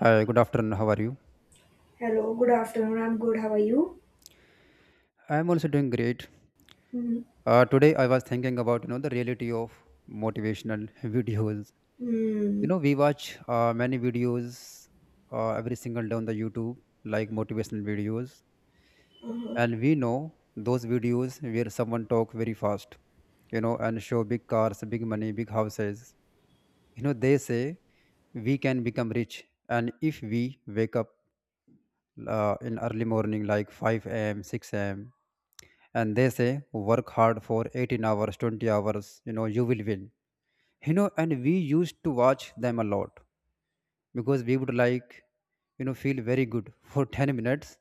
Hi, good afternoon. How are you? Hello, good afternoon. I'm good. How are you? I'm also doing great. Today I was thinking about the reality of motivational videos. Mm-hmm. We watch many videos every single day on the YouTube, like motivational videos, Uh-huh. and we know those videos where someone talk very fast, and show big cars, big money, big houses. They say we can become rich, and if we wake up in early morning like 5 a.m., 6 a.m. and they say work hard for 18 hours, 20 hours, you will win. And we used to watch them a lot because we would like, feel very good for 10 minutes,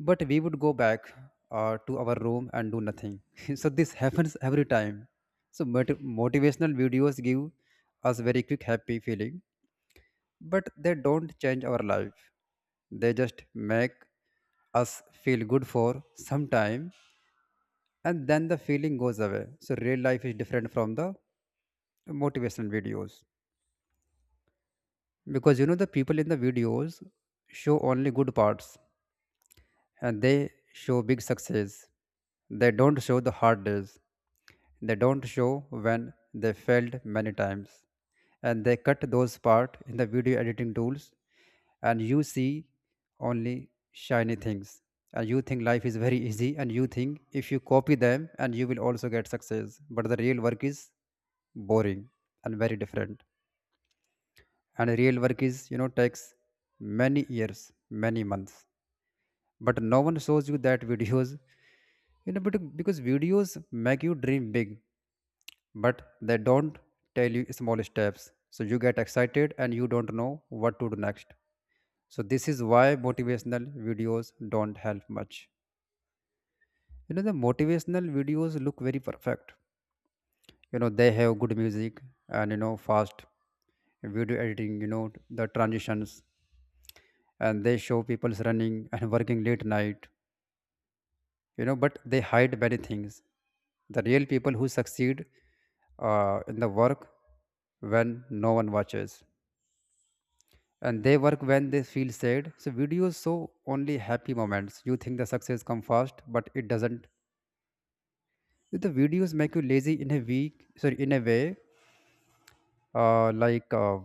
but we would go back to our room and do nothing so this happens every time. So motivational videos give us very quick happy feeling, but they don't change our life. They just make us feel good for some time, and then the feeling goes away. So real life is different from the motivational videos, because the people in the videos show only good parts, and they show big success. They don't show the hard days. They don't show when they failed many times. And they cut those part in the video editing tools, and you see only shiny things. And you think life is very easy, and you think if you copy them and you will also get success. But the real work is boring and very different. And real work is, takes many years, many months. But no one shows you that videos. But because videos make you dream big, but they don't tell you small steps. So you get excited and you don't know what to do next. So this is why motivational videos don't help much. The motivational videos look very perfect. They have good music, and fast video editing, the transitions, and they show people's running and working late night. But they hide many things. The real people who succeed in the work, when no one watches, and they work when they feel sad. So videos show only happy moments. You think the success come fast, but it doesn't. The videos make you lazy in a week, sorry, in a way, uh, like uh,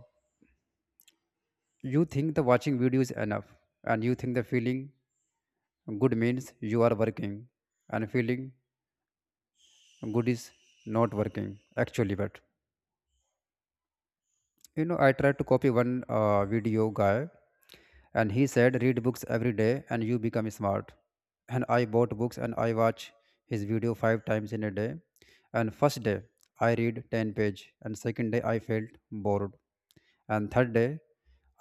you think the watching videos enough, and you think the feeling good means you are working, and feeling good is not working actually. But I tried to copy one video guy, and he said read books every day and you become smart. And I bought books and I watch his video 5 times in a day, and first day I read 10 page, and second day I felt bored, and third day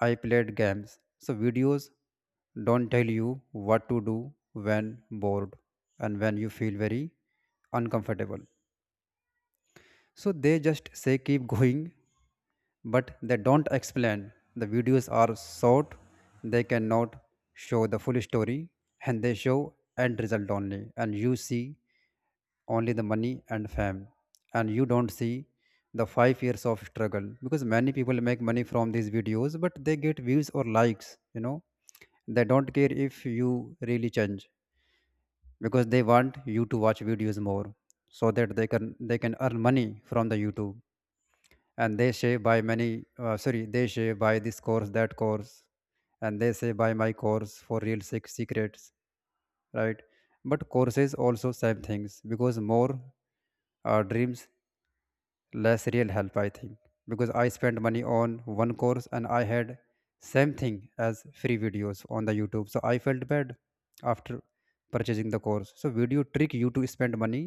I played games. So videos don't tell you what to do when bored, and when you feel very uncomfortable. So they just say keep going, but they don't explain. The videos are short, they cannot show the full story, and they show end result only. And you see only the money and fame, and you don't see the 5 years of struggle, because many people make money from these videos, but they get views or likes, They don't care if you really change, because they want you to watch videos more, so that they can earn money from the youtube. And they say by many sorry, they say by this course, that course, and they say by my course for real secrets, right? But courses also same things, because more dreams, less real help, I think. Because I spent money on one course, and I had same thing as free videos on the youtube. So I felt bad after purchasing the course. So video trick you to spend money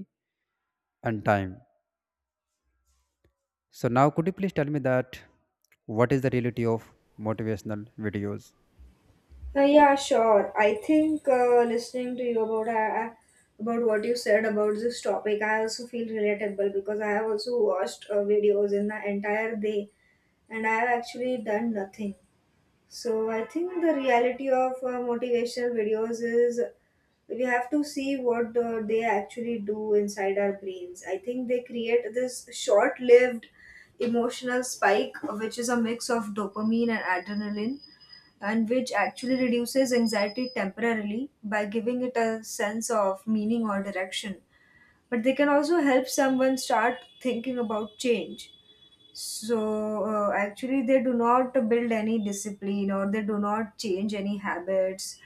and time. So now, could you please tell me that what is the reality of motivational videos? Yeah, sure. I think listening to you about what you said about this topic, I also feel relatable because I have also watched videos in the entire day and I have actually done nothing. So I think the reality of motivational videos is we have to see what they actually do inside our brains. I think they create this short lived emotional spike, which is a mix of dopamine and adrenaline, and which actually reduces anxiety temporarily by giving it a sense of meaning or direction. But they can also help someone start thinking about change, so actually, they do not build any discipline or they do not change any habits.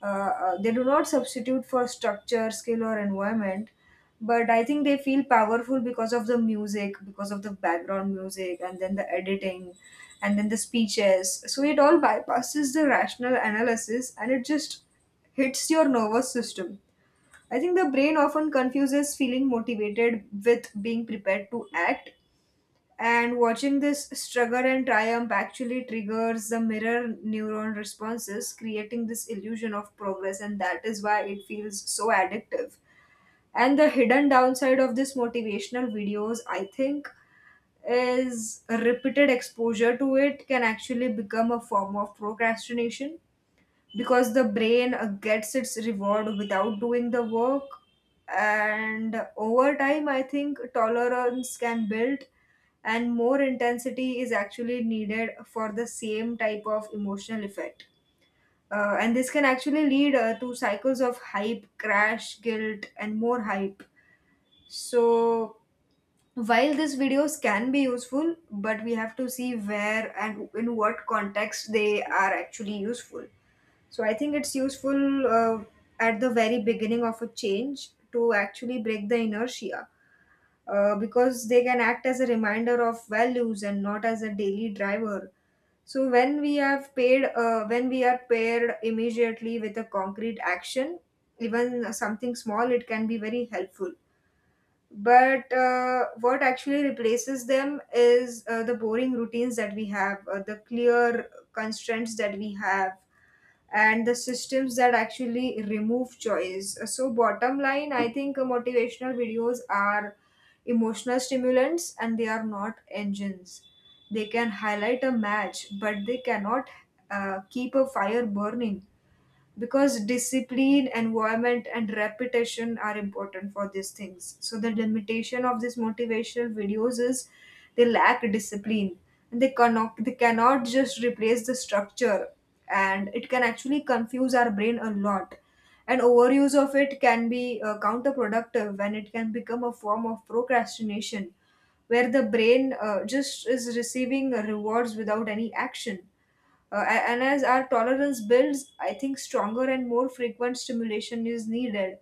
They do not substitute for structure, skill, or environment. But I think they feel powerful because of the music, because of the background music, and then the editing, and then the speeches. So it all bypasses the rational analysis and it just hits your nervous system. I think the brain often confuses feeling motivated with being prepared to act, and watching this struggle and triumph actually triggers the mirror neuron responses, creating this illusion of progress, and that is why it feels so addictive. And the hidden downside of this motivational videos, I think, is a repeated exposure to it can actually become a form of procrastination because the brain gets its reward without doing the work, and over time I think tolerance can build and more intensity is actually needed for the same type of emotional effect. And this can actually lead to cycles of hype, crash, guilt and more hype. So while these videos can be useful, but we have to see where and in what context they are actually useful. So I think it's useful at the very beginning of a change to actually break the inertia, because they can act as a reminder of values and not as a daily driver. So when we have paid, when we are paired immediately with a concrete action, even something small, it can be very helpful. But what actually replaces them is the boring routines that we have, the clear constraints that we have and the systems that actually remove choice. So, bottom line, I think motivational videos are emotional stimulants and they are not engines. They can highlight a match, but they cannot keep a fire burning because discipline, environment and repetition are important for these things. So the limitation of these motivational videos is they lack discipline and they cannot just replace the structure, and it can actually confuse our brain a lot. And overuse of it can be counterproductive when it can become a form of procrastination where the brain just is receiving rewards without any action. And as our tolerance builds, I think stronger and more frequent stimulation is needed,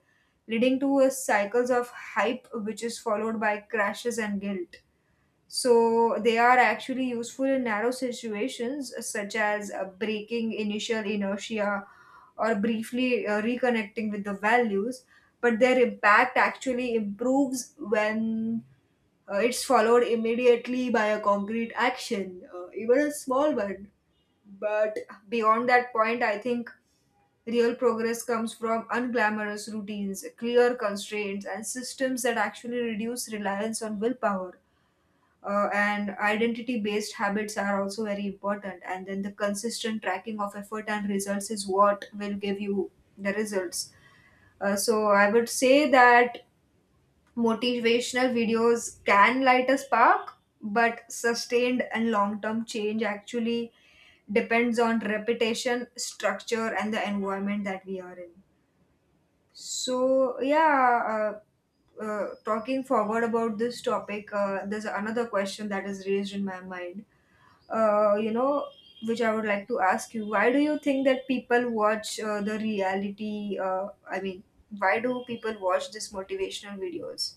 leading to a cycles of hype, which is followed by crashes and guilt. So they are actually useful in narrow situations, such as breaking initial inertia or briefly reconnecting with the values. But their impact actually improves when it's followed immediately by a concrete action, even a small one. But beyond that point, I think real progress comes from unglamorous routines, clear constraints, and systems that actually reduce reliance on willpower. And identity based habits are also very important. And then the consistent tracking of effort and results is what will give you the results. So I would say that motivational videos can light a spark, but sustained and long term change actually depends on reputation, structure, and the environment that we are in. So, yeah, talking forward about this topic, there's another question that is raised in my mind, you know, which I would like to ask you. Why do you think that people watch the reality? I mean, why do people watch these motivational videos?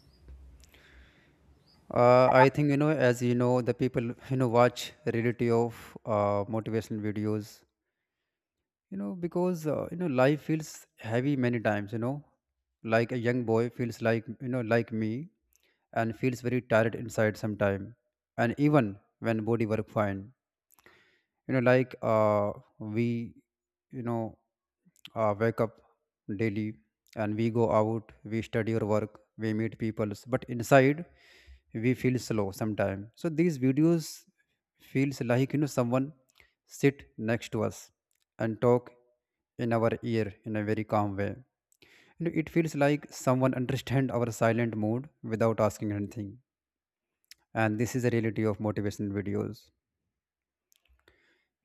I think as you know, the people watch reality of motivational videos. Because life feels heavy many times. You know, like a young boy feels like like me, and feels very tired inside sometime, and even when body work fine, like we, you know wake up daily, and we go out, we study or work, we meet people, but inside we feel slow sometime. So these videos feels like someone sit next to us and talk in our ear in a very calm way. You know, it feels like someone understand our silent mood without asking anything, and this is the reality of motivation videos.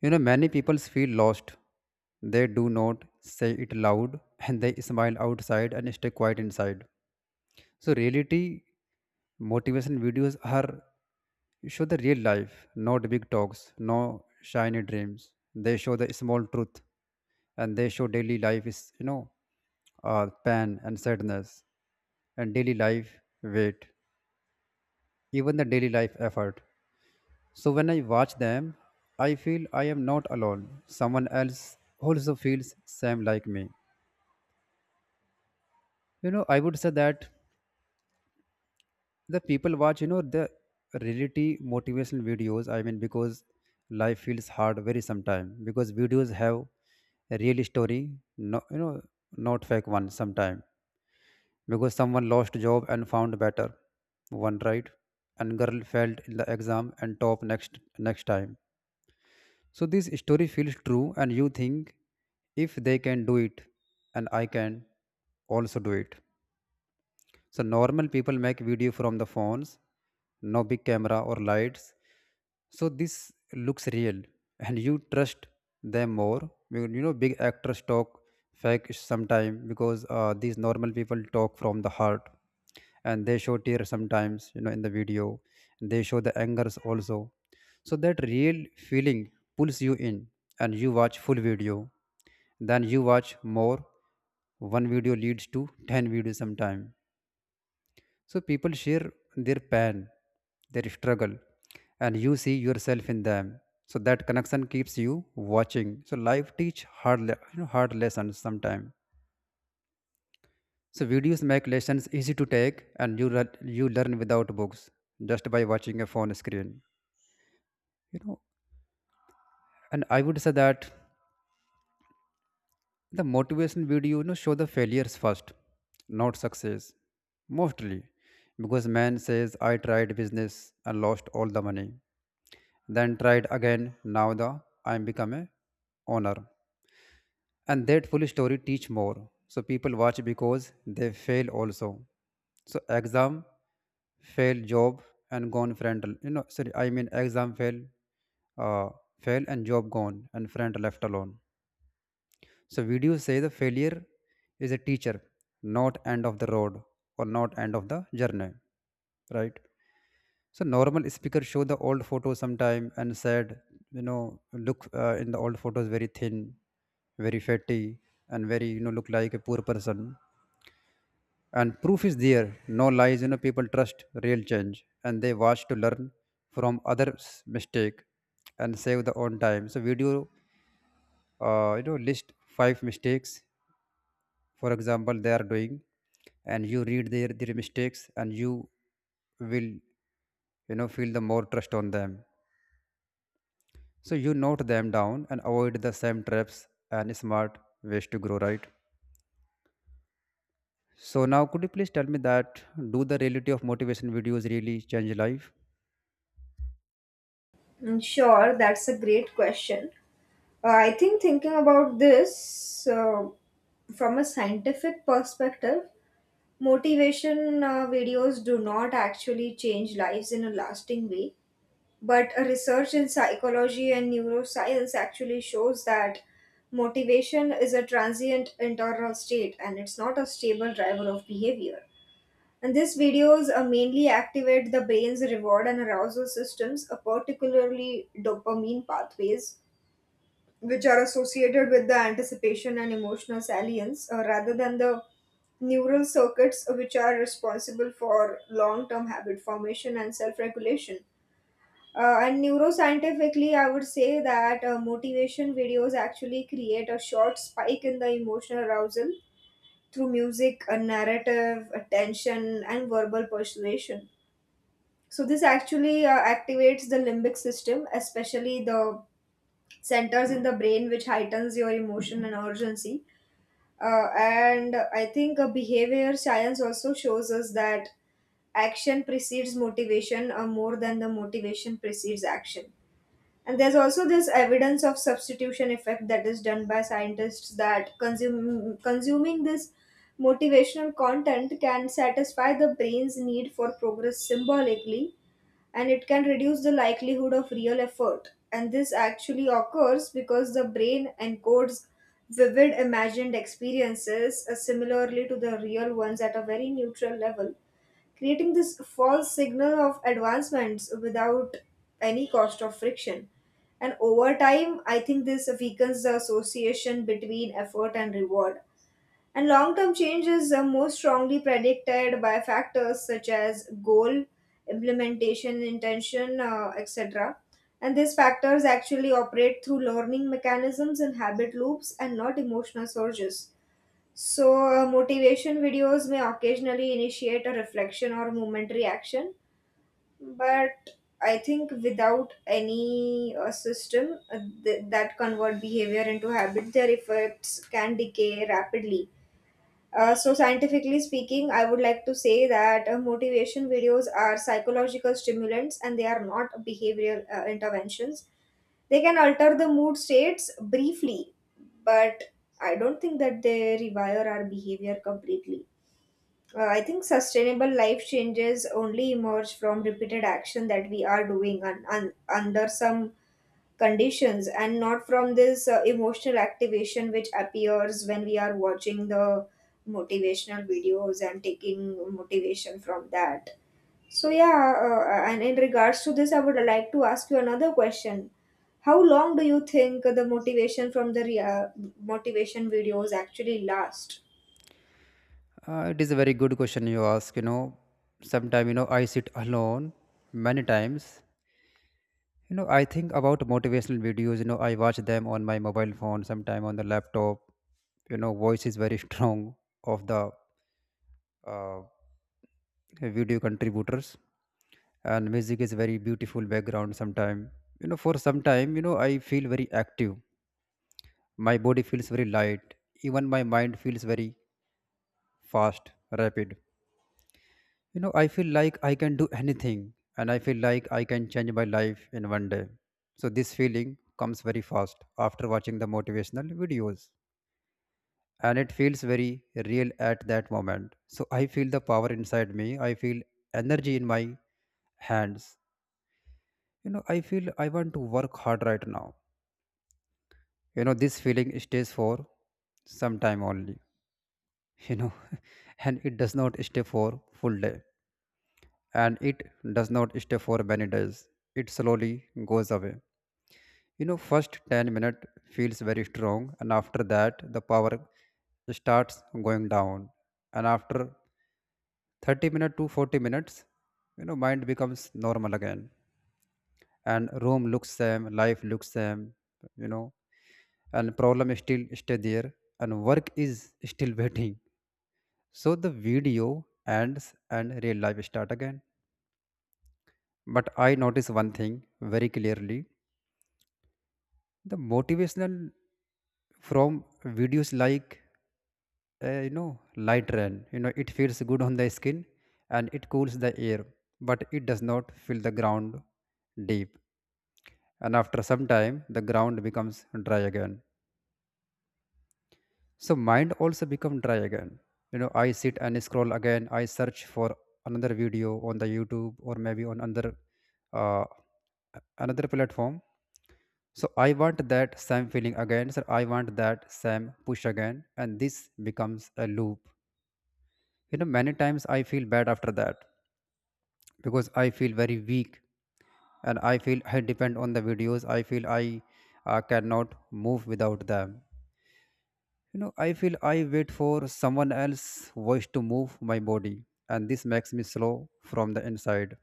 You know, many people feel lost. They do not say it loud and they smile outside and stay quiet inside. So, reality motivation videos are show the real life, not big talks, no shiny dreams. They show the small truth, and they show daily life is, pain and sadness, and daily life weight, even the daily life effort. So when I watch them, I feel I am not alone. Someone else also feels same like me. You know, I would say that the people watch, the reality motivational videos. I mean, because life feels hard very sometime, because videos have a real story, no, not fake one sometime, because someone lost job and found better one, right? And girl failed in the exam and top next time. So this story feels true, and you think if they can do it, and I can also do it. So normal people make video from the phones, no big camera or lights. So this looks real, and you trust them more. Big actors talk fake sometime, because these normal people talk from the heart, and they show tears sometimes. You know, in the video, they show the angers also. So that real feeling pulls you in, and you watch full video. Then you watch more. One video leads to 10 videos sometime. So people share their pain, their struggle, and you see yourself in them. So that connection keeps you watching. So life teach hard, hard lessons sometimes. So videos make lessons easy to take, and you learn without books, just by watching a phone screen. You know, and I would say that the motivation video show the failures first, not success, mostly, because man says I tried business and lost all the money, then tried again, now the I'm become a owner. And that full story teach more. So people watch because they fail also. So exam fail, job and gone friend, sorry, I mean, exam fail uh, fail and job gone and friend left alone. So video say the failure is a teacher, not end of the road or not end of the journey, right? So normal speaker show the old photos sometime and said, look in the old photos very thin, very fatty, and very look like a poor person. And proof is there, no lies. You know, people trust real change, and they watch to learn from others' mistake and save their own time. So video, list 5 mistakes, for example, they are doing, and you read their mistakes, and you will, feel the more trust on them. So you note them down and avoid the same traps, and smart ways to grow, right? So now could you please tell me that do the reality of motivation videos really change life? Mm. Sure, that's a great question. I think thinking about this from a scientific perspective, motivation videos do not actually change lives in a lasting way. But a research in psychology and neuroscience actually shows that motivation is a transient internal state and it's not a stable driver of behavior. And these videos mainly activate the brain's reward and arousal systems, particularly dopamine pathways, which are associated with the anticipation and emotional salience, rather than the neural circuits which are responsible for long term habit formation and self regulation. And neuroscientifically, I would say that motivation videos actually create a short spike in the emotional arousal through music, a narrative, attention, and verbal persuasion. So this actually activates the limbic system, especially the centers in the brain which heightens your emotion and urgency. And I think behavior science also shows us that action precedes motivation more than the motivation precedes action. And there's also this evidence of substitution effect that is done by scientists that consuming this motivational content can satisfy the brain's need for progress symbolically and it can reduce the likelihood of real effort. And this actually occurs because the brain encodes vivid imagined experiences similarly to the real ones at a very neutral level, creating this false signal of advancements without any cost of friction. And over time, I think this weakens the association between effort and reward, and long term changes are most strongly predicted by factors such as goal, implementation, intention, etc. And these factors actually operate through learning mechanisms and habit loops and not emotional surges. So, motivation videos may occasionally initiate a reflection or momentary action, but I think without any system that convert behavior into habit, their effects can decay rapidly. So, scientifically speaking, I would like to say that motivation videos are psychological stimulants and they are not behavioral interventions. They can alter the mood states briefly, but I don't think that they rewire our behavior completely. I think sustainable life changes only emerge from repeated action that we are doing under some conditions, and not from this emotional activation which appears when we are watching the motivational videos and taking motivation from that. So yeah, and in regards to this I would like to ask you another question: how long do you think the motivation from the motivation videos actually last? It is a very good question you ask, Sometime, I sit alone many times. I think about motivational videos, I watch them on my mobile phone, sometime on the laptop. You know, voice is very strong of the uh, video contributors, and music is very beautiful background sometime. You know, for some time, you know, I feel very active. My body feels very light. Even my mind feels very fast, rapid. You know, I feel like I can do anything, and I feel like I can change my life in one day. So this feeling comes very fast after watching the motivational videos, and it feels very real at that moment. So I feel the power inside me. I feel energy in my hands. You know, I feel I want to work hard right now. You know, this feeling stays for some time only, you know, and it does not stay for full day, and it does not stay for many days. It slowly goes away. You know, first 10 minutes feels very strong, and after that the power starts going down. And after 30 minutes to 40 minutes, you know, mind becomes normal again, and room looks same, life looks same, you know, and problem still stay there, and work is still waiting. So the video ends and real life start again. But I notice one thing very clearly. The motivational from videos like you know, light rain, you know, it feels good on the skin and it cools the air, but it does not fill the ground deep. And after some time, the ground becomes dry again. So mind also become dry again. You know, I sit and scroll again. I search for another video on the YouTube, or maybe on another uh, another platform. So I want that same feeling again, so I want that same push again, and this becomes a loop. You know, many times I feel bad after that because I feel very weak, and I feel I depend on the videos. I feel I cannot move without them. You know, I feel I wait for someone else's voice to move my body, and this makes me slow from the inside.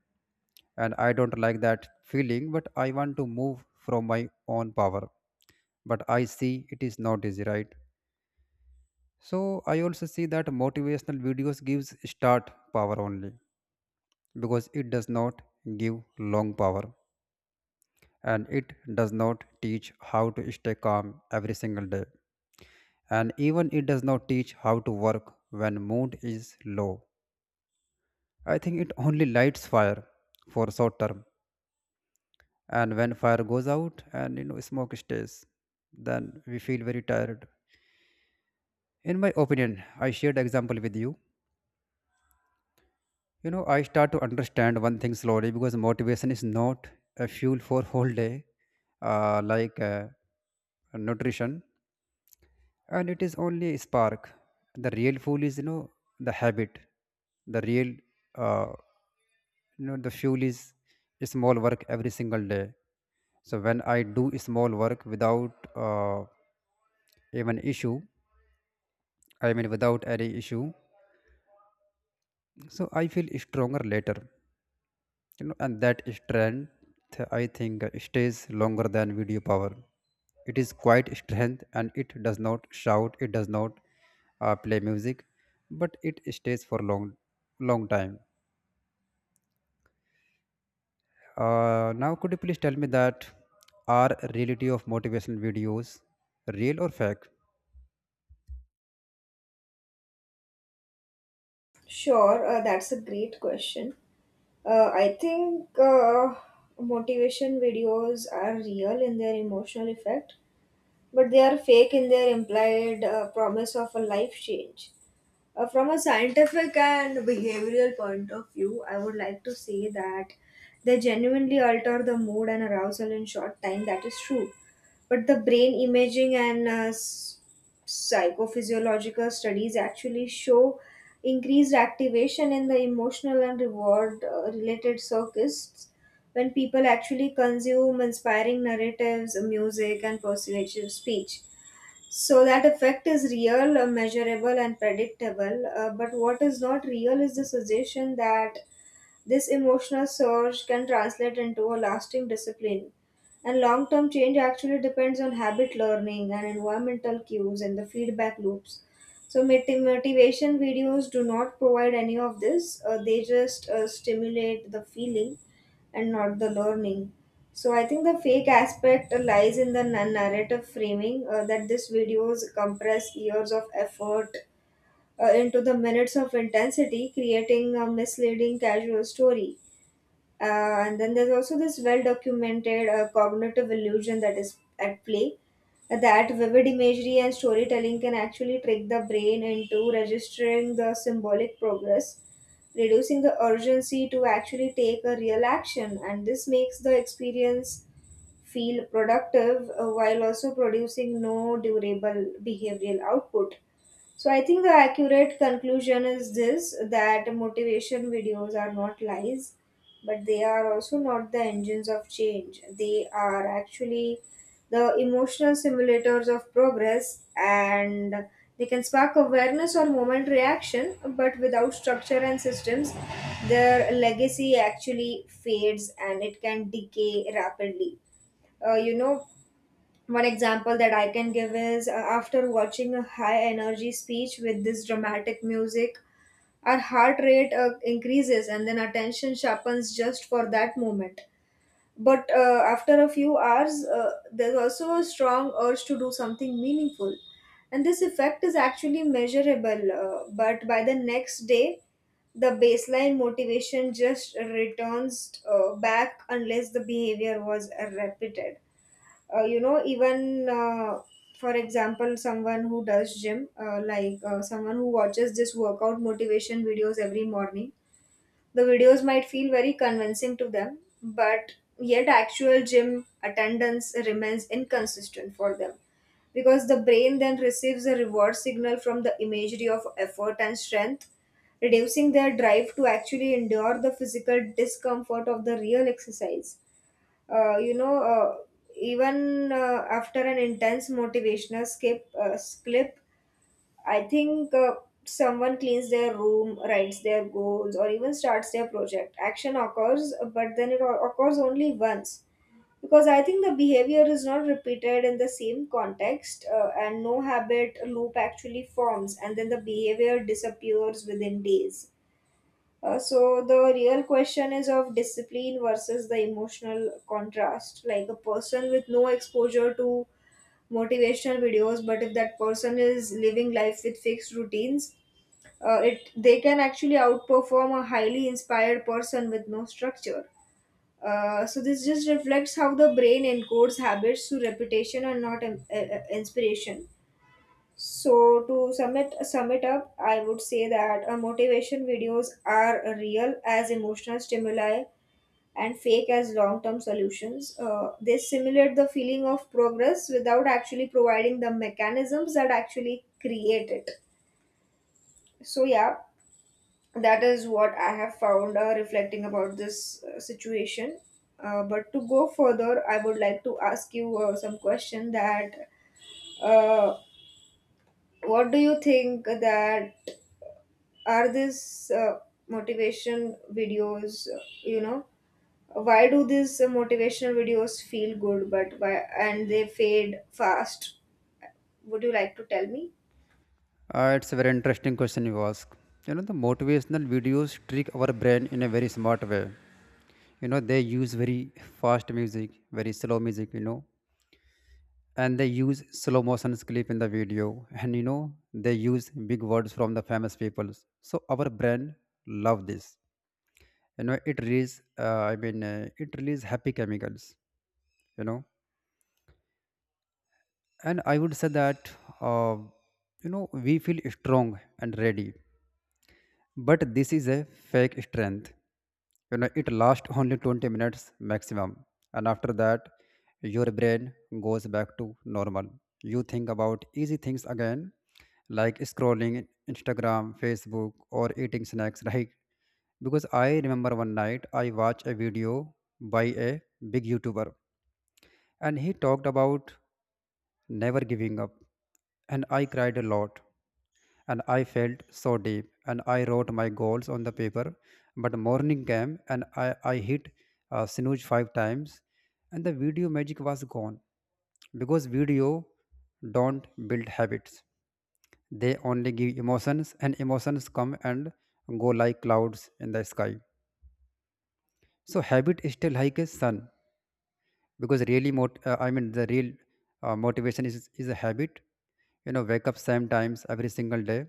And I don't like that feeling, but I want to move from my own power. But I see it is not easy, right? So I also see that motivational videos gives start power only because it does not give long power, and it does not teach how to stay calm every single day, and even it does not teach how to work when mood is low. I think it only lights fire for short term, and when fire goes out and you know smoke stays, then we feel very tired. In my opinion, I shared example with you. You know, I start to understand one thing slowly because motivation is not a fuel for whole day, like nutrition, and it is only a spark. The real fuel is, you know, the habit. The real uh, you know, the fuel is small work every single day. So when I do small work without uh, even issue, I mean without any issue, so I feel stronger later. You know, and that strength, I think, stays longer than video power. It is quite strength, and it does not shout, it does not play music, but it stays for long, long time. Now, could you please tell me that are reality of motivational videos real or fake? Sure, that's a great question. I think motivation videos are real in their emotional effect, but they are fake in their implied promise of a life change. From a scientific and behavioral point of view, I would like to say that they genuinely alter the mood and arousal in short time. That is true. But the brain imaging and psychophysiological studies actually show increased activation in the emotional and reward related circuits when people actually consume inspiring narratives, music, and persuasive speech. So that effect is real, measurable, and predictable. But what is not real is the suggestion that this emotional surge can translate into a lasting discipline. And long term change actually depends on habit learning and environmental cues and the feedback loops. So, motivation videos do not provide any of this; they just stimulate the feeling and not the learning. So I think the fake aspect lies in the narrative framing, that these videos compress years of effort into the minutes of intensity, creating a misleading casual story. And then there's also this well documented cognitive illusion that is at play, that vivid imagery and storytelling can actually trick the brain into registering the symbolic progress, reducing the urgency to actually take a real action. And this makes the experience feel productive while also producing no durable behavioral output. So I think the accurate conclusion is this, that motivation videos are not lies, but they are also not the engines of change. They are actually the emotional simulators of progress, and they can spark awareness or moment reaction, but without structure and systems, their legacy actually fades and it can decay rapidly. You know, one example that I can give is after watching a high energy speech with this dramatic music, our heart rate increases and then attention sharpens just for that moment. But after a few hours, there's also a strong urge to do something meaningful. And this effect is actually measurable, but by the next day, the baseline motivation just returns back unless the behavior was repeated. You know, even for example, someone who does gym, someone who watches this workout motivation videos every morning, the videos might feel very convincing to them, but yet actual gym attendance remains inconsistent for them because the brain then receives a reward signal from the imagery of effort and strength, reducing their drive to actually endure the physical discomfort of the real exercise. uh, you know uh, Even after an intense motivational skip clip, I think someone cleans their room, writes their goals, or even starts their project. Action occurs, but then it occurs only once because I think the behavior is not repeated in the same context, and no habit loop actually forms, and then the behavior disappears within days. So the real question is of discipline versus the emotional contrast. Like a person with no exposure to motivational videos, but if that person is living life with fixed routines, it they can actually outperform a highly inspired person with no structure. So this just reflects how the brain encodes habits through repetition and not inspiration. So to sum it up, I would say that motivation videos are real as emotional stimuli and fake as long-term solutions. They simulate the feeling of progress without actually providing the mechanisms that actually create it. So yeah, that is what I have found reflecting about this situation. But to go further, I would like to ask you some question that uh, what do you think that are these motivation videos, you know, why do these motivational videos feel good, but why, and they fade fast? Would you like to tell me? It's a very interesting question you ask. You know, the motivational videos trick our brain in a very smart way. You know, they use very fast music, very slow music, you know, and they use slow motion clip in the video, and you know, they use big words from the famous people. So our brain love this. You know, it release, it release happy chemicals. You know, and I would say that uh, you know, we feel strong and ready, but this is a fake strength. You know, it lasts only 20 minutes maximum, and after that your brain goes back to normal. You think about easy things again, like scrolling Instagram, Facebook, or eating snacks, right? Because I remember one night I watched a video by a big YouTuber, and he talked about never giving up. And I cried a lot. And I felt so deep. And I wrote my goals on the paper. But morning came and I hit snooze 5 times. And the video magic was gone. Because video don't build habits. They only give emotions, and emotions come and go like clouds in the sky. So habit is still like a sun. Because really mot- I mean the real motivation is a habit. You know, wake up same times every single day,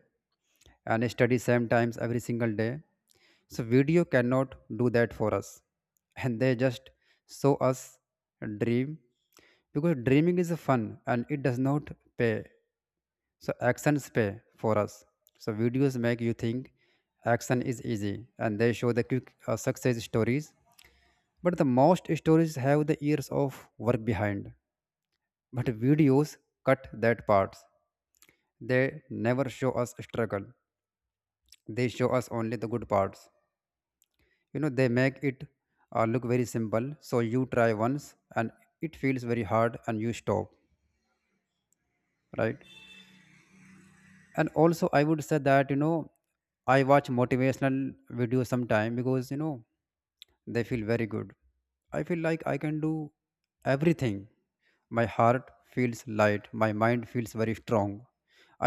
and study same times every single day. So video cannot do that for us, and they just show us a dream. Because dreaming is fun, and it does not pay. So actions pay for us. So videos make you think action is easy, and they show the quick success stories, but the most stories have the years of work behind. But videos cut that parts. They never show us struggle. They show us only the good parts. You know, they make it look very simple. So you try once and it feels very hard and you stop, right? And also, I would say that, you know, I watch motivational videos sometime because, you know, they feel very good. I feel like I can do everything. My heart feels light. My mind feels very strong.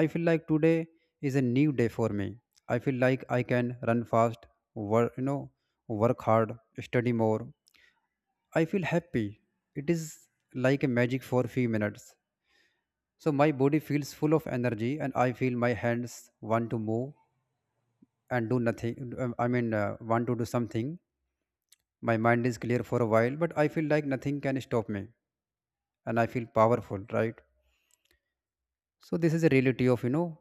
I feel like today is a new day for me. I feel like I can run fast, work, you know, work hard, study more. I feel happy. It is like a magic for few minutes. So my body feels full of energy, and I feel my hands want to move and do nothing. I mean, want to do something. My mind is clear for a while, but I feel like nothing can stop me and I feel powerful, right? So this is a reality of, you know,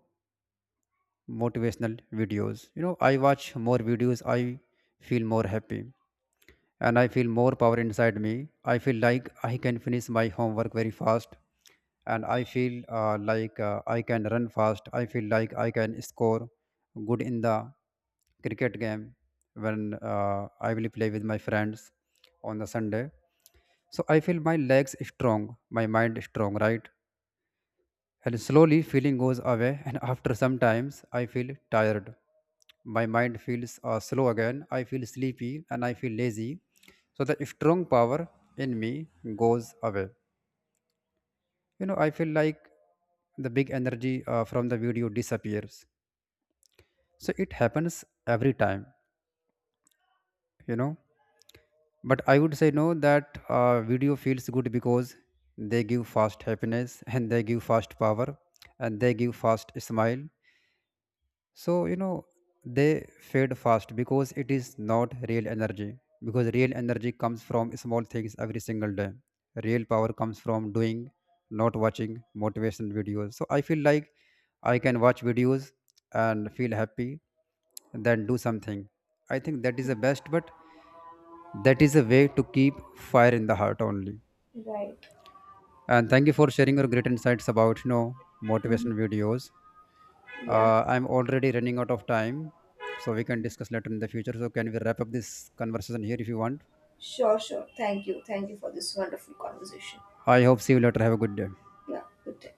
motivational videos. You know, I watch more videos, I feel more happy, and I feel more power inside me. I feel like I can finish my homework very fast, and I feel like I can run fast. I feel like I can score good in the cricket game when I will play with my friends on the Sunday. So I feel my legs strong, my mind strong, right? And slowly feeling goes away, and after some times I feel tired. My mind feels slow again. I feel sleepy and I feel lazy. So the strong power in me goes away. You know, I feel like the big energy from the video disappears. So it happens every time, you know. But I would say no that video feels good because they give fast happiness, and they give fast power, and they give fast smile. So, you know, they fade fast because it is not real energy. Because real energy comes from small things every single day. Real power comes from doing, not watching motivation videos. So, I feel like I can watch videos and feel happy, then do something. I think that is the best, but that is a way to keep fire in the heart only. Right. And thank you for sharing your great insights about, you know, Mhm. motivation videos. Yeah. I'm already running out of time, so we can discuss later in the future. So, can we wrap up this conversation here if you want? Sure, sure, thank you, thank you for this wonderful conversation. I hope see you later. Have a good day. Yeah, good day.